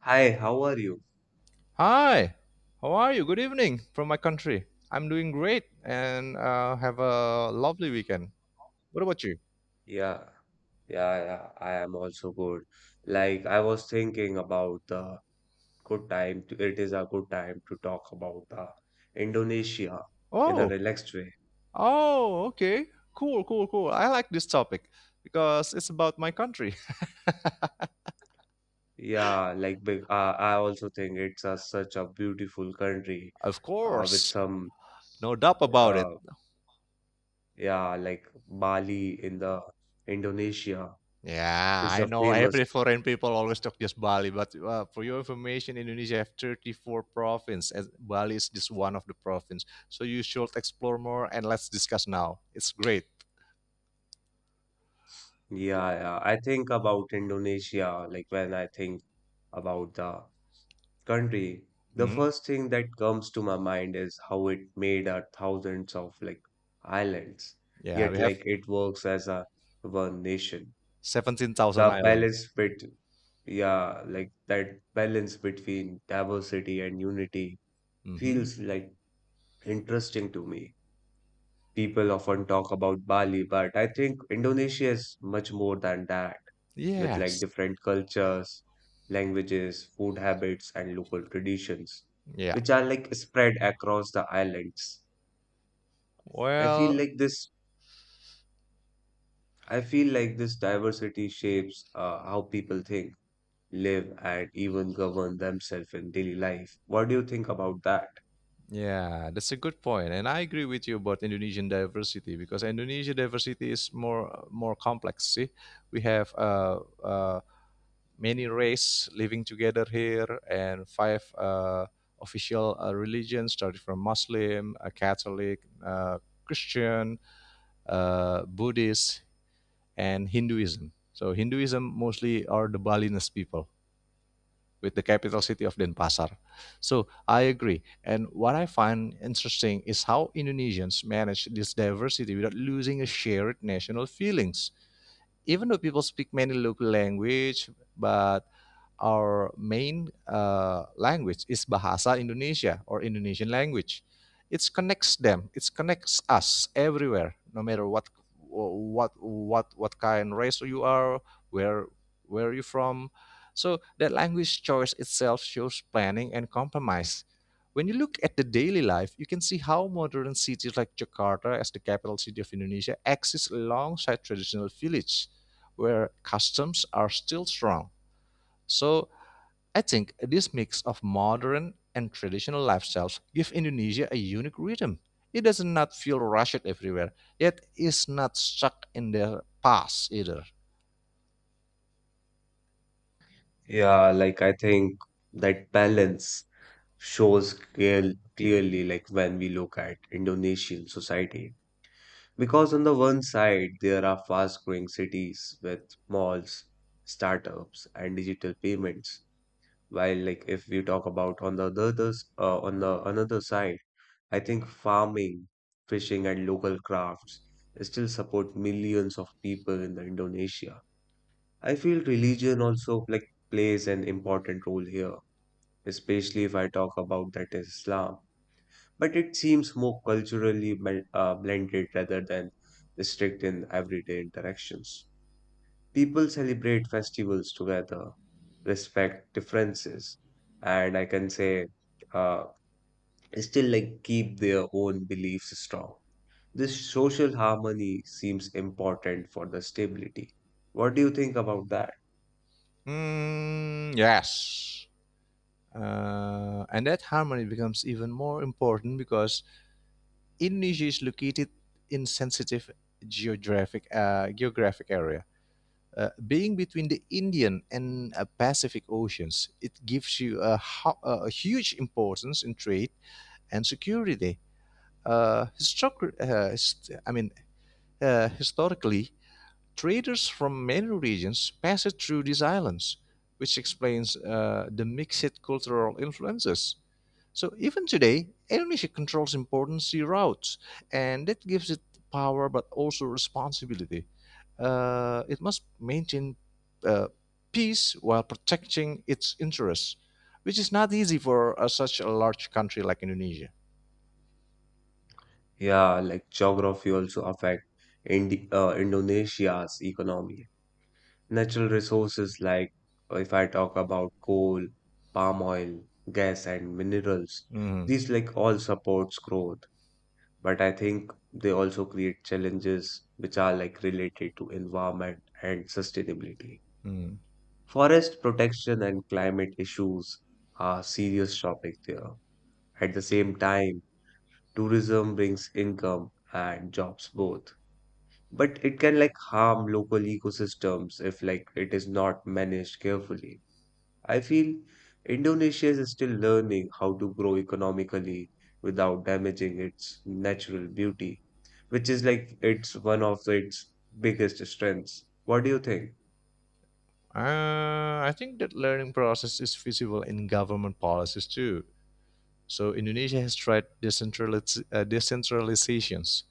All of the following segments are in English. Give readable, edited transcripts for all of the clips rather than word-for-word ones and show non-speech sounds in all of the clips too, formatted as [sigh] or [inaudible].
Hi, how are you? Hi, how are you? Good evening from my country. I'm doing great and have a lovely weekend. What about you? Yeah, yeah, I am also good. Like, I was thinking about the it is a good time to talk about the Indonesia in a Oh, relaxed way. oh, okay. Cool, cool, cool. I like this topic because it's about my country. Yeah, like, big, I also think it's a, such a beautiful country [laughs] Of uh, with course, some, no doubt about it. uh, yeah, like Bali in the Indonesia Yeah, is I the know famous. every foreign people always talk just Bali, but for your information, Indonesia have 34 province, and Bali is just one of the province. So you should explore more and let's discuss now. It's great. Yeah, yeah. I think about Indonesia, like when I think about the country, the Mhm. first thing that comes to my mind is how it made a thousands of like islands, Yeah, yet we have like it works as a one nation. 17,000 The Island. balance bit, yeah, like that balance between diversity and unity Mm-hmm. feels like interesting to me. People often talk about Bali, but I think Indonesia is much more than that, with like Yes. different cultures, languages, food habits, and local traditions, Yeah. which are like spread across the islands. I feel Well, like this, I feel like this diversity shapes how people think, live, and even govern themselves in daily life. What do you think about that? yeah, that's a good point, and I agree with you about Indonesian diversity because Indonesia diversity is more complex. See, we have many race living together here, and five official religions, started from Muslim, Catholic, Christian, Buddhist, and Hinduism. So Hinduism mostly are the Balinese people with the capital city of Denpasar. So I agree. And what I find interesting is how Indonesians manage this diversity without losing a shared national feelings even though people speak many local language, but our main language is Bahasa Indonesia or Indonesian language. It connects them. It connects us everywhere, no matter what kind race you are, where where you from. So that language choice itself shows planning and compromise. When you look at the daily life, you can see how modern cities like Jakarta, as the capital city of Indonesia, exist alongside traditional village where customs are still strong. So I think this mix of modern and traditional lifestyles give Indonesia a unique rhythm. It does not feel rushed everywhere, yet is not stuck in the past either. Yeah, like I think that balance shows clearly like when we look at Indonesian society. Because on the one side, there are fast growing cities with malls, startups, and digital payments. While like if we talk about on the another side, I think farming, fishing, and local crafts still support millions of people in the Indonesia. I feel religion also like plays an important role here, especially if I talk about that Islam but it seems more culturally blended rather than strict in everyday interactions. People celebrate festivals together, respect differences, and I can say uh, still like keep their own beliefs strong. This social harmony seems important for the stability. What do you think about that? Hmm, yes. And that harmony becomes even more important because Indonesia is located in sensitive geographic area. Being between the Indian and Pacific Oceans, it gives you a huge importance in trade and security. Uh, historic, uh, hist- I mean, Historically, traders from many regions passed through these islands, which explains the mixed cultural influences. So even today, Indonesia controls important sea routes, and that gives it power but also responsibility. It must maintain uh, peace while protecting its interests, which is not easy for such a large country like Indonesia. Yeah, like geography also affect Indonesia's economy. Natural resources like if I talk about coal, palm oil, gas, and minerals, Mhm, these like all supports growth. But I think they also create challenges which are like related to environment and sustainability. mhm. Forest protection and climate issues are serious topics there. At the same time, tourism brings income and jobs both. But it can like harm local ecosystems if like it is not managed carefully. I feel Indonesia is still learning how to grow economically without damaging its natural beauty, which is like it's one of its biggest strengths. What do you think? I think that learning process is visible in government policies too. So Indonesia has tried decentralizations.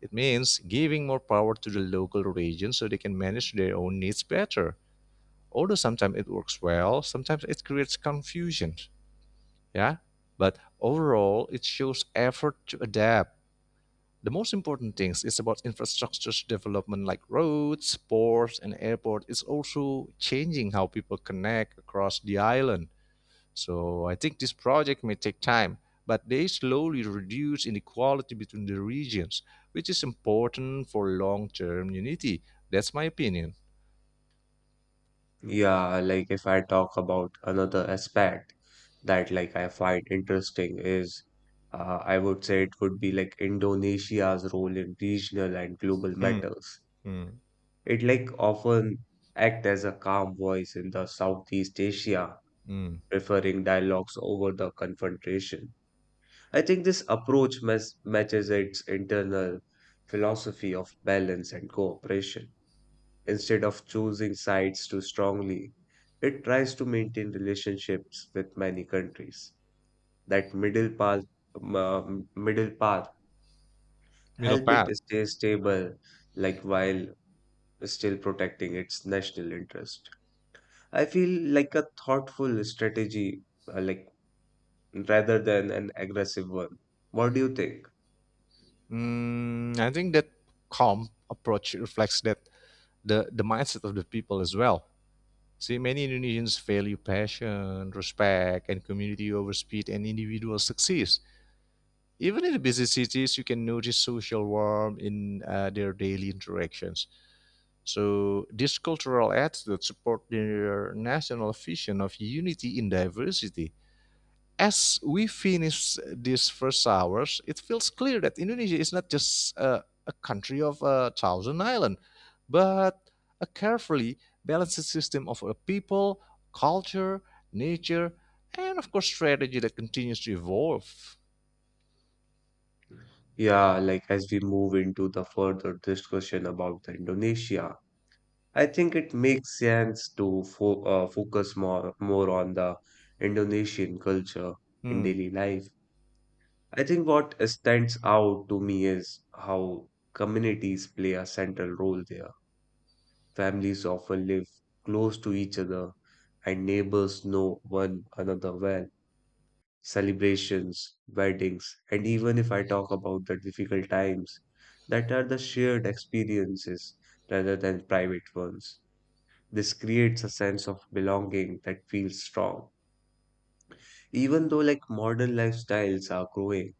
It means giving more power to the local region so they can manage their own needs better. Although sometimes it works well, sometimes it creates confusion. Yeah. But overall, it shows effort to adapt. The most important things is about infrastructure development like roads, ports, and airport. It's also changing how people connect across the island. So I think this project may take time, but they slowly reduce inequality between the regions, which is important for long-term unity. That's my opinion. Yeah, like if I talk about another aspect that like I find interesting is I would say it would be like Indonesia's role in regional and global Mm, matters. mm, It like often act as a calm voice in the Southeast Asia mm. preferring dialogues over the confrontation. I think this approach matches its internal philosophy of balance and cooperation. Instead of choosing sides too strongly, it tries to maintain relationships with many countries. That middle path, um, uh, middle path, Middle help it path. stay stable, like while still protecting its national interest. I feel like a thoughtful strategy, like rather than an aggressive one. What do you think? Mm, I think that calm approach reflects that the mindset of the people as well. See, many Indonesians value passion, respect, and community over speed and individual success. Even in the busy cities, you can notice social warmth in their daily interactions. So these cultural attitudes support their national vision of unity in diversity as we finish these first hours, it feels clear that Indonesia is not just a country of a thousand islands, but a carefully balanced system of a people, culture, nature, and of course, strategy that continues to evolve. Yeah, like as we move into the further discussion about the Indonesia, I think it makes sense to fo focus more on the Indonesian culture in Hmm. daily life. I think what stands out to me is how communities play a central role there. Families often live close to each other, and neighbors know one another well. Celebrations, weddings, and even if I talk about the difficult times that are the shared experiences rather than private ones. This creates a sense of belonging that feels strong. Even though like modern lifestyles are growing,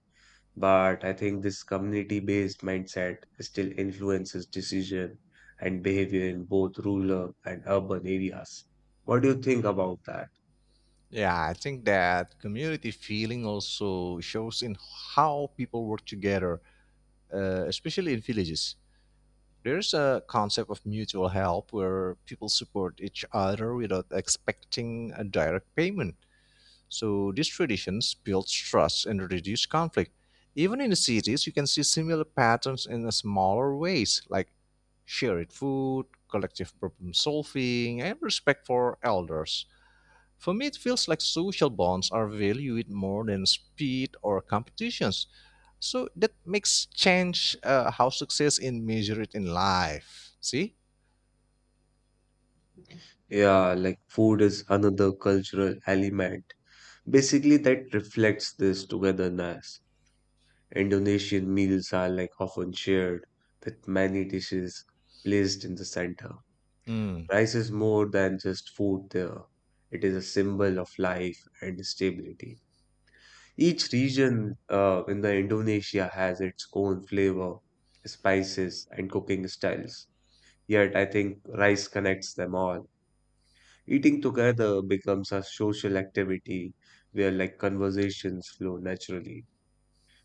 but I think this community-based mindset still influences decision and behavior in both rural and urban areas. What do you think about that? Yeah, I think that community feeling also shows in how people work together, especially in villages. There's a concept of mutual help where people support each other without expecting a direct payment. So these traditions build trust and reduce conflict. Even in the cities, you can see similar patterns in a smaller ways, like shared food, collective problem solving, and respect for elders. For me, it feels like social bonds are valued more than speed or competitions. So that makes change how success is measured in life. See? Yeah, like food is another cultural element basically, that reflects this togetherness. Indonesian meals are like often shared, with many dishes placed in the center. Mm. Rice is more than just food there. It is a symbol of life and stability. Each region in the Indonesia has its own flavor, spices, and cooking styles. Yet I think rice connects them all. Eating together becomes a social activity where like conversations flow naturally.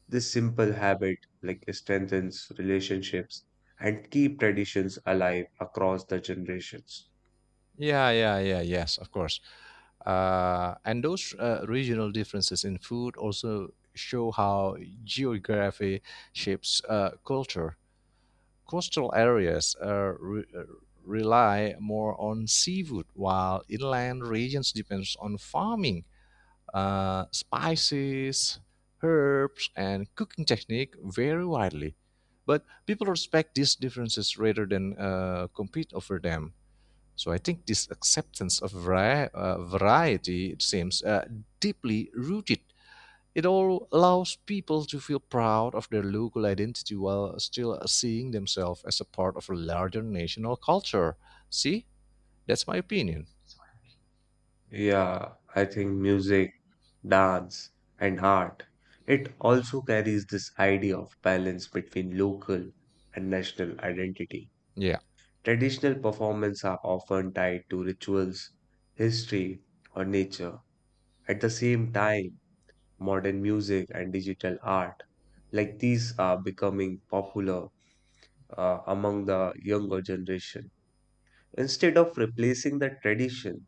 This simple habit like strengthens relationships and keep traditions alive across the generations. Yeah, yeah, yeah, yes, of course. And those regional differences in food also show how geography shapes culture. Coastal areas rely more on seafood, while inland regions depends on farming. Spices, herbs, and cooking technique vary widely. But people respect these differences rather than compete over them. So I think this acceptance of variety it seems deeply rooted. It all allows people to feel proud of their local identity while still seeing themselves as a part of a larger national culture. See, that's my opinion. Yeah, I think music, dance, and art. It also carries this idea of balance between local and national identity. Yeah. Traditional performances are often tied to rituals, history, or nature. At the same time, modern music and digital art, like these, are becoming popular among the younger generation. Instead of replacing the tradition,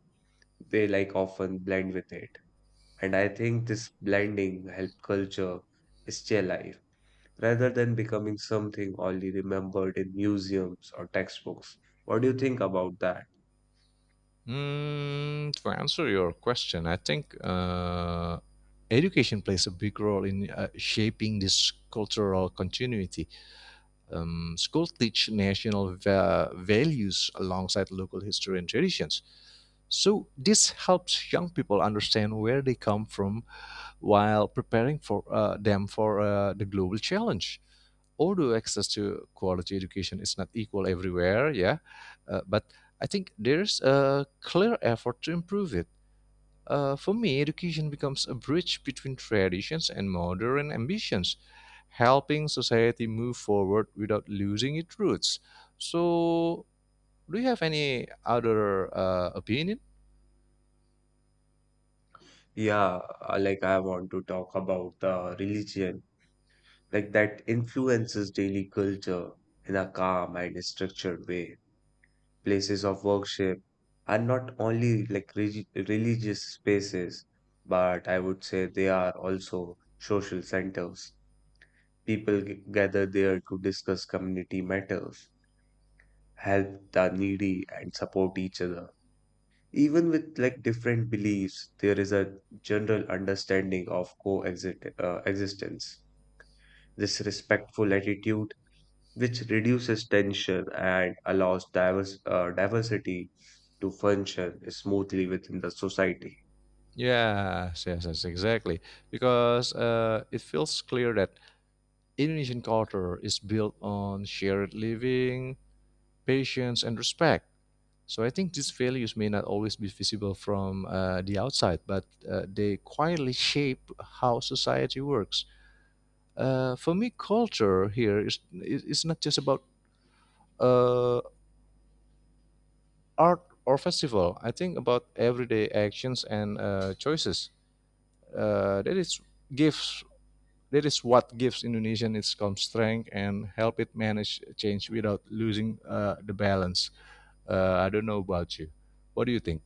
they like often blend with it. And I think this blending helped culture stay alive rather than becoming something only remembered in museums or textbooks. What do you think about that? Mm, to answer your question, I think education plays a big role in shaping this cultural continuity. School teach national values alongside local history and traditions. So this helps young people understand where they come from while preparing for the global challenge although access to quality education is not equal everywhere, yeah, but I think there's a clear effort to improve it. For me, education becomes a bridge between traditions and modern ambitions, helping society move forward without losing its roots. So, do you have any other opinion? Yeah, like I want to talk about the religion, like that influences daily culture in a calm and structured way. Places of worship are not only like religious spaces, but I would say they are also social centers. Gather there to discuss community matters, help the needy, and support each other. Even with like different beliefs, there is a general understanding of coexist existence. This respectful attitude which reduces tension and allows diversity to function smoothly within the society. Yes, yes, yes, exactly. Because it feels clear that Indonesian culture is built on shared living, patience, and respect. So I think these values may not always be visible from the outside, but they quietly shape how society works. For me, culture here is not just about uh, art or festival. I think about everyday actions and choices. Uh, that is gives that is what gives Indonesian its calm strength and help it manage change without losing the balance. I don't know about you. What do you think?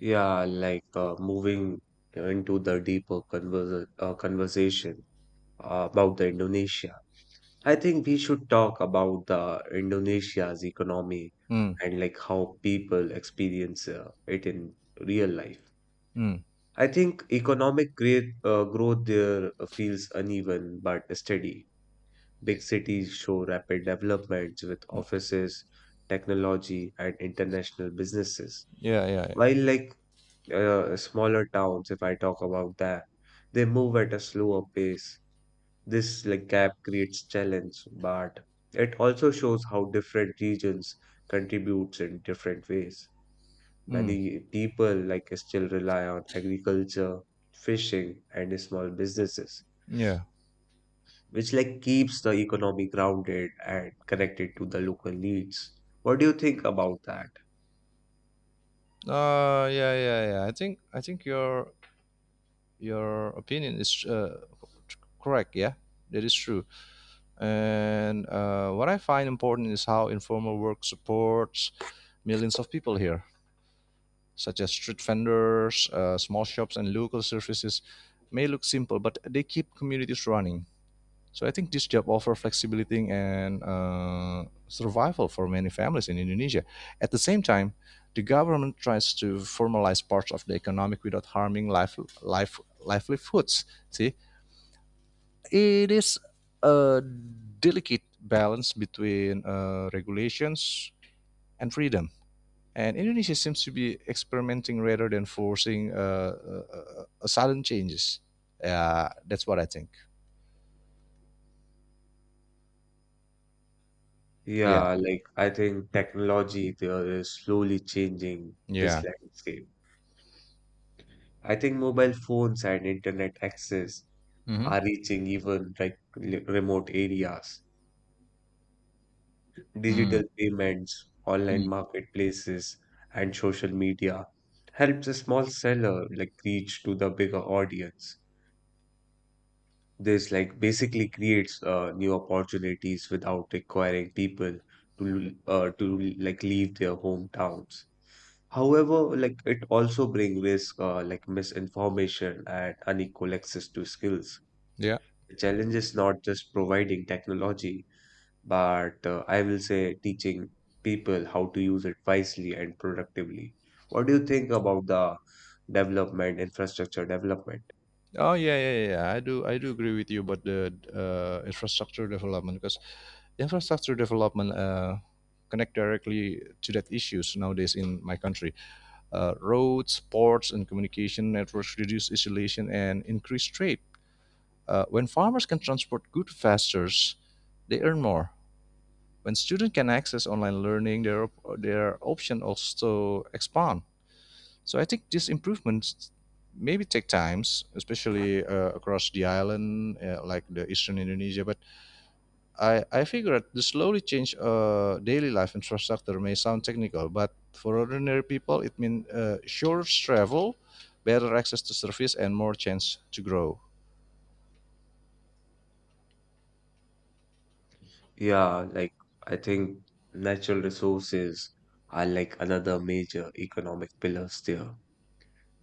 Moving into the deeper conversation about the Indonesia. I think we should talk about the Indonesia's economy Mm, and like how people experience it in real life. mm. I think growth there feels uneven but steady. Big cities show rapid developments with offices, technology, and international businesses. Yeah, yeah, yeah. While like smaller towns, if I talk about that, they move at a slower pace. This like gap creates challenge, but it also shows how different regions contributes in different ways. Mm, Many people like still rely on agriculture, fishing, and small businesses yeah. which like keeps the economy grounded and connected to the local needs. What do you think about that? Yeah, yeah, yeah. I think your opinion is correct. Yeah, that is true. And what I find important is how informal work supports millions of people here, such as street vendors, small shops, and local services. May look simple, but they keep communities running. So I think this job offer flexibility and survival for many families in Indonesia. At the same time, the government tries to formalize parts of the economic without harming livelihoods. See, it is a delicate balance between regulations and freedom. And Indonesia seems to be experimenting rather than forcing sudden changes. Yeah, that's what I think. Yeah, Yeah, like I think technology there is slowly changing this yeah. landscape. I think mobile phones and internet access Hmm. are reaching even like remote areas. Mm-hmm. Digital Mm, payments, online mm. marketplaces, and social media helps a small seller like reach to the bigger audience. This like basically creates new opportunities without requiring people to like leave their hometowns. However, like it also brings risk like misinformation and unequal access to skills. Yeah. The challenge is not just providing technology, but I will say teaching people how to use it wisely and productively. What do you think about the development, infrastructure development? Oh yeah, yeah, yeah, yeah. I do agree with you about the infrastructure development because infrastructure development connect directly to that issues nowadays in my country. Roads, ports, and communication networks reduce isolation and increase trade. When farmers can transport goods faster, they earn more. When students can access online learning, their option also expand. So I think these improvements maybe take times, especially across the island, like the eastern Indonesia. But I figured the slowly change daily life infrastructure may sound technical, but for ordinary people, it means shorter travel, better access to service, and more chance to grow. Yeah, like I think natural resources are like another major economic pillars there.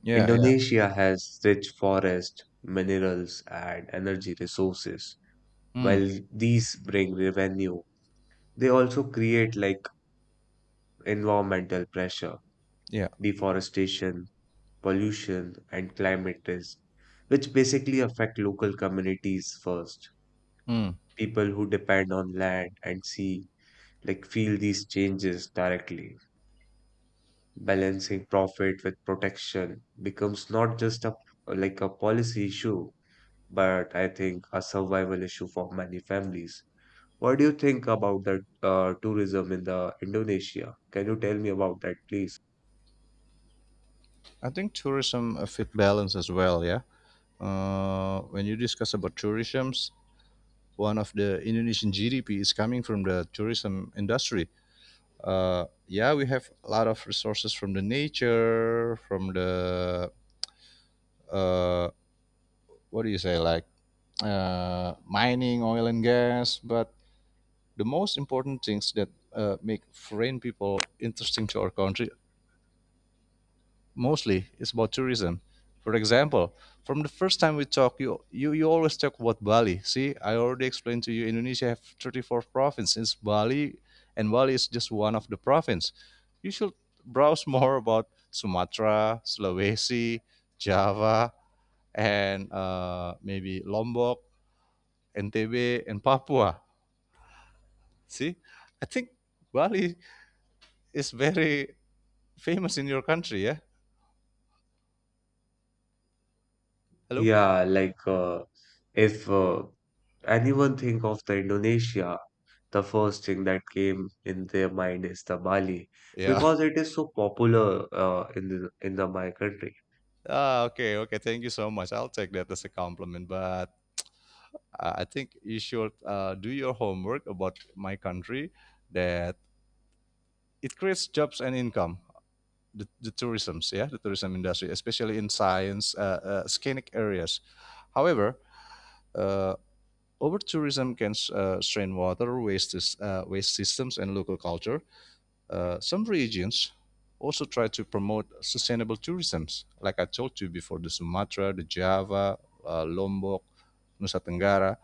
Yeah, yeah, Indonesia has rich forest, minerals, and energy resources. mm, While these bring revenue, they also create like environmental pressure, yeah. deforestation, pollution, and climate risk, which basically affect local communities first. Mm. People who depend on land and sea like feel these changes directly. Balancing profit with protection becomes not just a like a policy issue, but I think a survival issue for many families. What do you think about the tourism in the Indonesia? Can you tell me about that, please? I think tourism a fit balance as well. Yeah. When you discuss about tourism, one of the Indonesian GDP is coming from the tourism industry yeah, we have a lot of resources from the nature, from the uh, what do you say, like mining, oil and gas. But the most important things that make foreign people interesting to our country mostly it's about tourism. For example, from the first time we talk, you always talk about Bali. See, I already explained to you, Indonesia have 34 provinces. Bali is just one of the province. You should browse [laughs] more about Sumatra, Sulawesi, Java, and maybe Lombok, NTB, and Papua. See, I think Bali is very famous in your country. Yeah. Hello. Yeah, like if anyone think of the Indonesia, the first thing that came in their mind is the Bali Yeah. because it is so popular in the my country. Ah, okay, okay. Thank you so much. I'll take that as a compliment. But I think you should do your homework about my country. That it creates jobs and income. The tourism industry, especially in scenic areas. However, uh, over tourism can strain water, waste systems, and local culture. Some regions also try to promote sustainable tourism, like I told you before, the Sumatra, the Java, Lombok, Nusa Tenggara.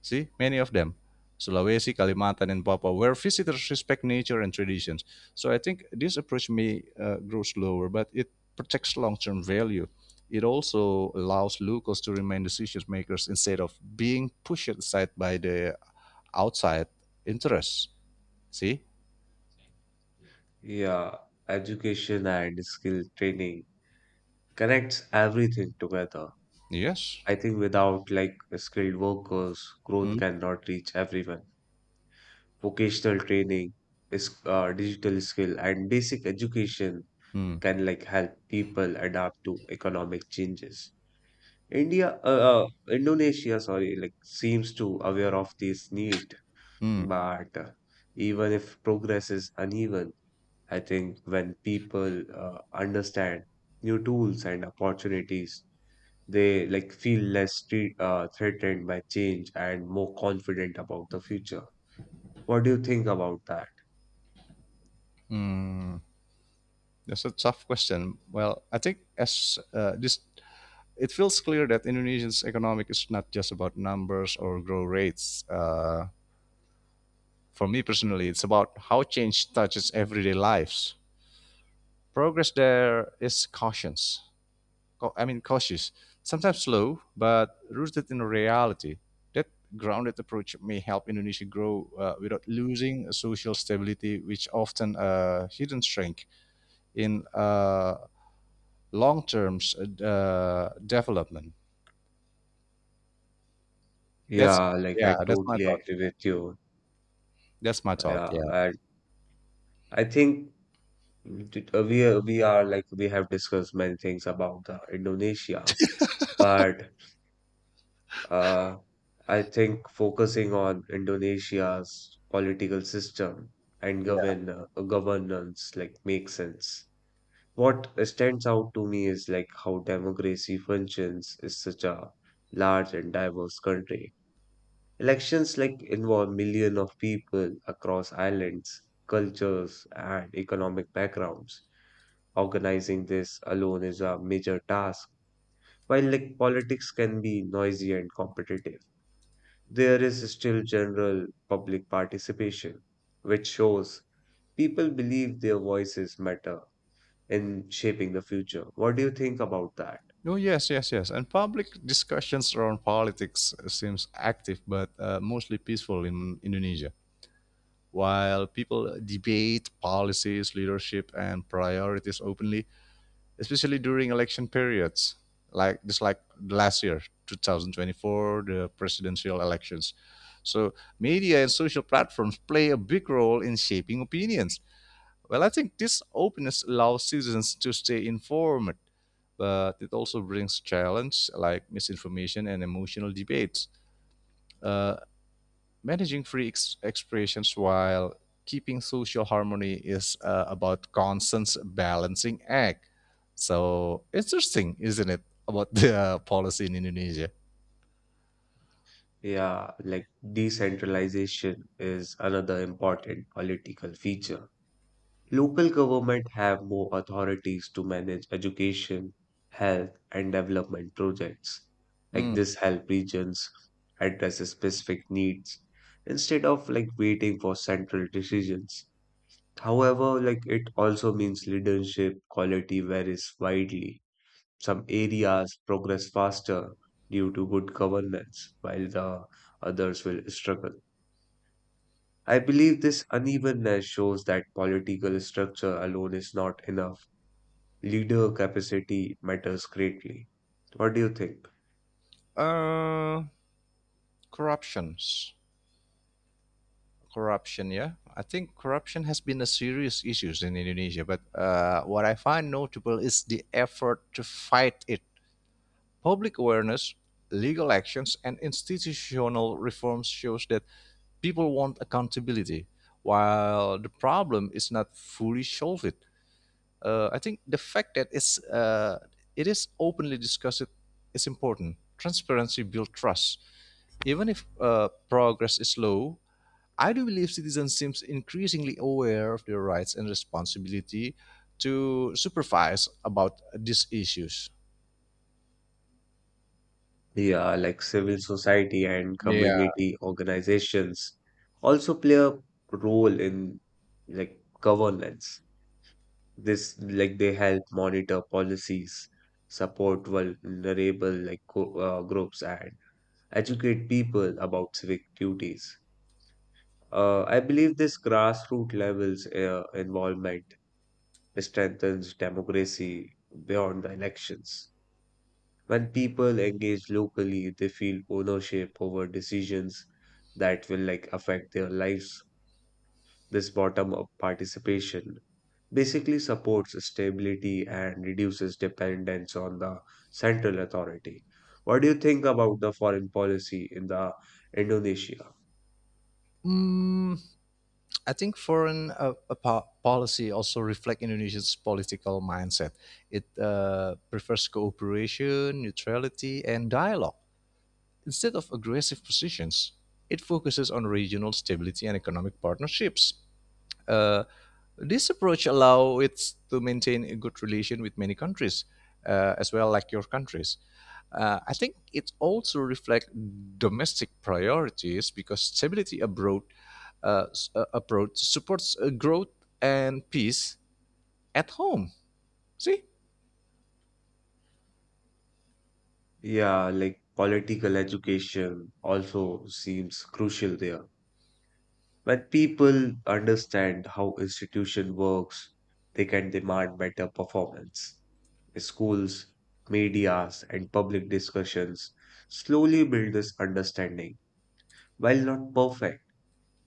See, many of them, Sulawesi, Kalimantan, and Papua, where visitors respect nature and traditions. So I think this approach may grow slower, but it protects long-term value. It also allows locals to remain decision makers instead of being pushed aside by the outside interests. See? Yeah, education and skill training connects everything together. Yes. I think without like skilled workers, growth Hmm. cannot reach everyone. Vocational training is digital skill and basic education Hmm. can like help people adapt to economic changes. Indonesia, sorry, like seems to aware of this need, Hmm, but even if progress is uneven, I think when people understand new tools and opportunities, they like feel less threatened by change and more confident about the future. What do you think about that? that's a tough question. Well, I think it feels clear that Indonesia's economic is not just about numbers or growth rates. For me personally, it's about how change touches everyday lives. Progress there is cautious. Cautious. Sometimes slow, but rooted in reality. That grounded approach may help Indonesia grow without losing social stability, which often a hidden strength in long-term development. That's Yeah, like yeah, I that's my totally thought. agree with you. That's my thought. Yeah, Yeah, and I think we are like we have discussed many things about the Indonesia, but Uh, I think focusing on Indonesia's political system and yeah. Governance like makes sense. What stands out to me is like how democracy functions is such a large and diverse country. Elections like involve millions of people across islands, cultures, and economic backgrounds. Organizing this alone is a major task, while like politics can be noisy and competitive. There is still general public participation, which shows people believe their voices matter in shaping the future. What do you think about that? Oh yes, yes, yes. And public discussions around politics seems active, but mostly peaceful in Indonesia. While people debate policies, leadership, and priorities openly, especially during election periods, like just like last year, 2024, the presidential elections. So media and social platforms play a big role in shaping opinions. Well, I think this openness allows citizens to stay informed, but it also brings challenges like misinformation and emotional debates. Uh, Managing expressions while keeping social harmony is about constant balancing act. So interesting, isn't it, about the policy in Indonesia? Yeah, like decentralization is another important political feature. Local government have more authorities to manage education, health, and development projects. Like Mm. this help regions address specific needs instead of like waiting for central decisions. However, like it also means leadership quality varies widely. Some areas progress faster due to good governance, while the others will struggle. I believe this unevenness shows that political structure alone is not enough. Leader capacity matters greatly. What do you think? Uh, corruptions. Corruption, yeah. I think corruption has been a serious issue in Indonesia, but what I find notable is the effort to fight it. Public awareness, legal actions, and institutional reforms shows that people want accountability. While the problem is not fully solved, I think the fact that it is openly discussed is important. Transparency builds trust, even if progress is slow. I do believe citizens seems increasingly aware of their rights and responsibility to supervise about these issues. Yeah, like civil society and Yeah. community organizations also play a role in like governance. This like they help monitor policies, support vulnerable like groups, and educate people about civic duties. I believe this grassroots levels involvement strengthens democracy beyond the elections. When people engage locally, they feel ownership over decisions that will like affect their lives. This bottom-up participation basically supports stability and reduces dependence on the central authority. What do you think about the foreign policy in the Indonesia? Mm, I think foreign policy also reflect Indonesia's political mindset. It prefers cooperation, neutrality, and dialogue instead of aggressive positions. It focuses on regional stability and economic partnerships. Uh, this approach allows it to maintain a good relation with many countries, as well like your countries. I think it also reflects domestic priorities because stability abroad approach supports growth and peace at home. See? Yeah, like political education also seems crucial there. When people understand how institution works, they can demand better performance. Schools, medias, and public discussions slowly build this understanding. While not perfect,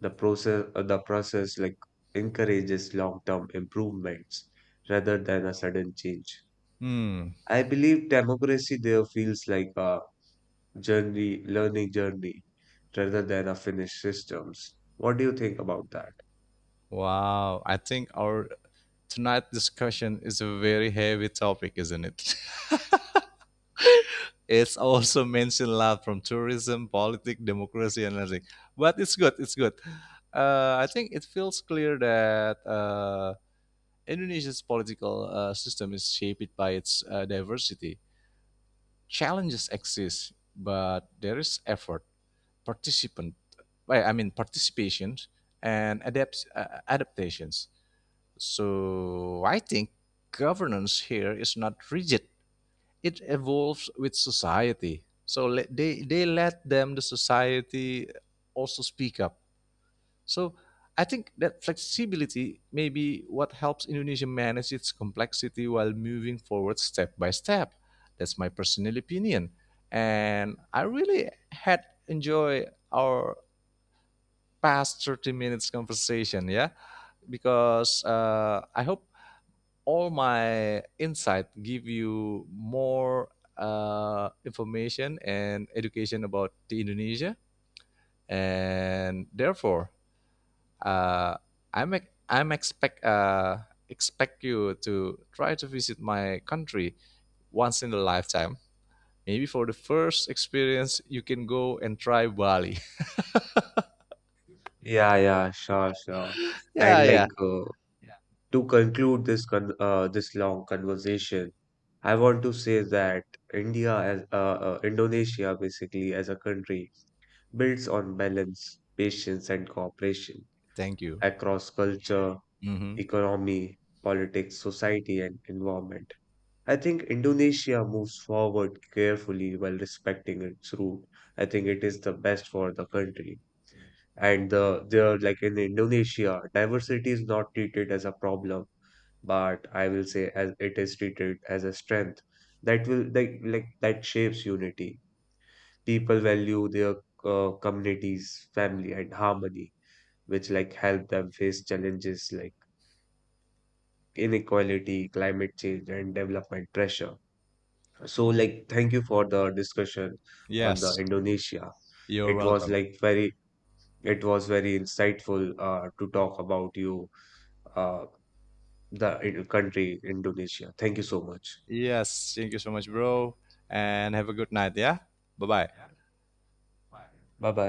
The process like encourages long-term improvements rather than a sudden change. Hmm. I believe democracy there feels like a learning journey rather than a finished systems. What do you think about that? Wow. I think our tonight discussion is a very heavy topic, isn't it? [laughs] It's [laughs] also mentioned a lot from tourism, politics, democracy, and everything. But it's good. It's good. I think it feels clear that Indonesia's political system is shaped by its diversity. Challenges exist, but there is effort, participant, well, I mean participation, and adaptations. So I think governance here is not rigid, it evolves with society. So they let them the society also speak up. So I think that flexibility may be what helps Indonesia manage its complexity while moving forward step by step. That's my personal opinion, and I really had enjoy our past 30 minutes conversation. Yeah, because I hope all my insight give you more information and education about the Indonesia, and therefore uh, I'm expect expect you to try to visit my country once in a lifetime. Maybe for the first experience you can go and try Bali. Yeah, sure, sure. [laughs] Yeah, And like yeah. To conclude this con this long conversation, I want to say that India as Indonesia basically as a country builds on balance, patience, and cooperation Thank you. across culture, Hmm. economy, politics, society, and environment. I think Indonesia moves forward carefully while respecting its root. I think it is the best for the country. And the there like in Indonesia, diversity is not treated as a problem, but I will say as it is treated as a strength that will like that shapes unity people value their communities, family, and harmony, which like help them face challenges like inequality, climate change, and development pressure. So, like, thank you for the discussion on the Yes. Indonesia. You're It was welcome. like very, it was very insightful to talk about you, uh, the country Indonesia. Thank you so much. Yes, thank you so much, bro. And have a good night. Yeah. Bye bye. Bye bye.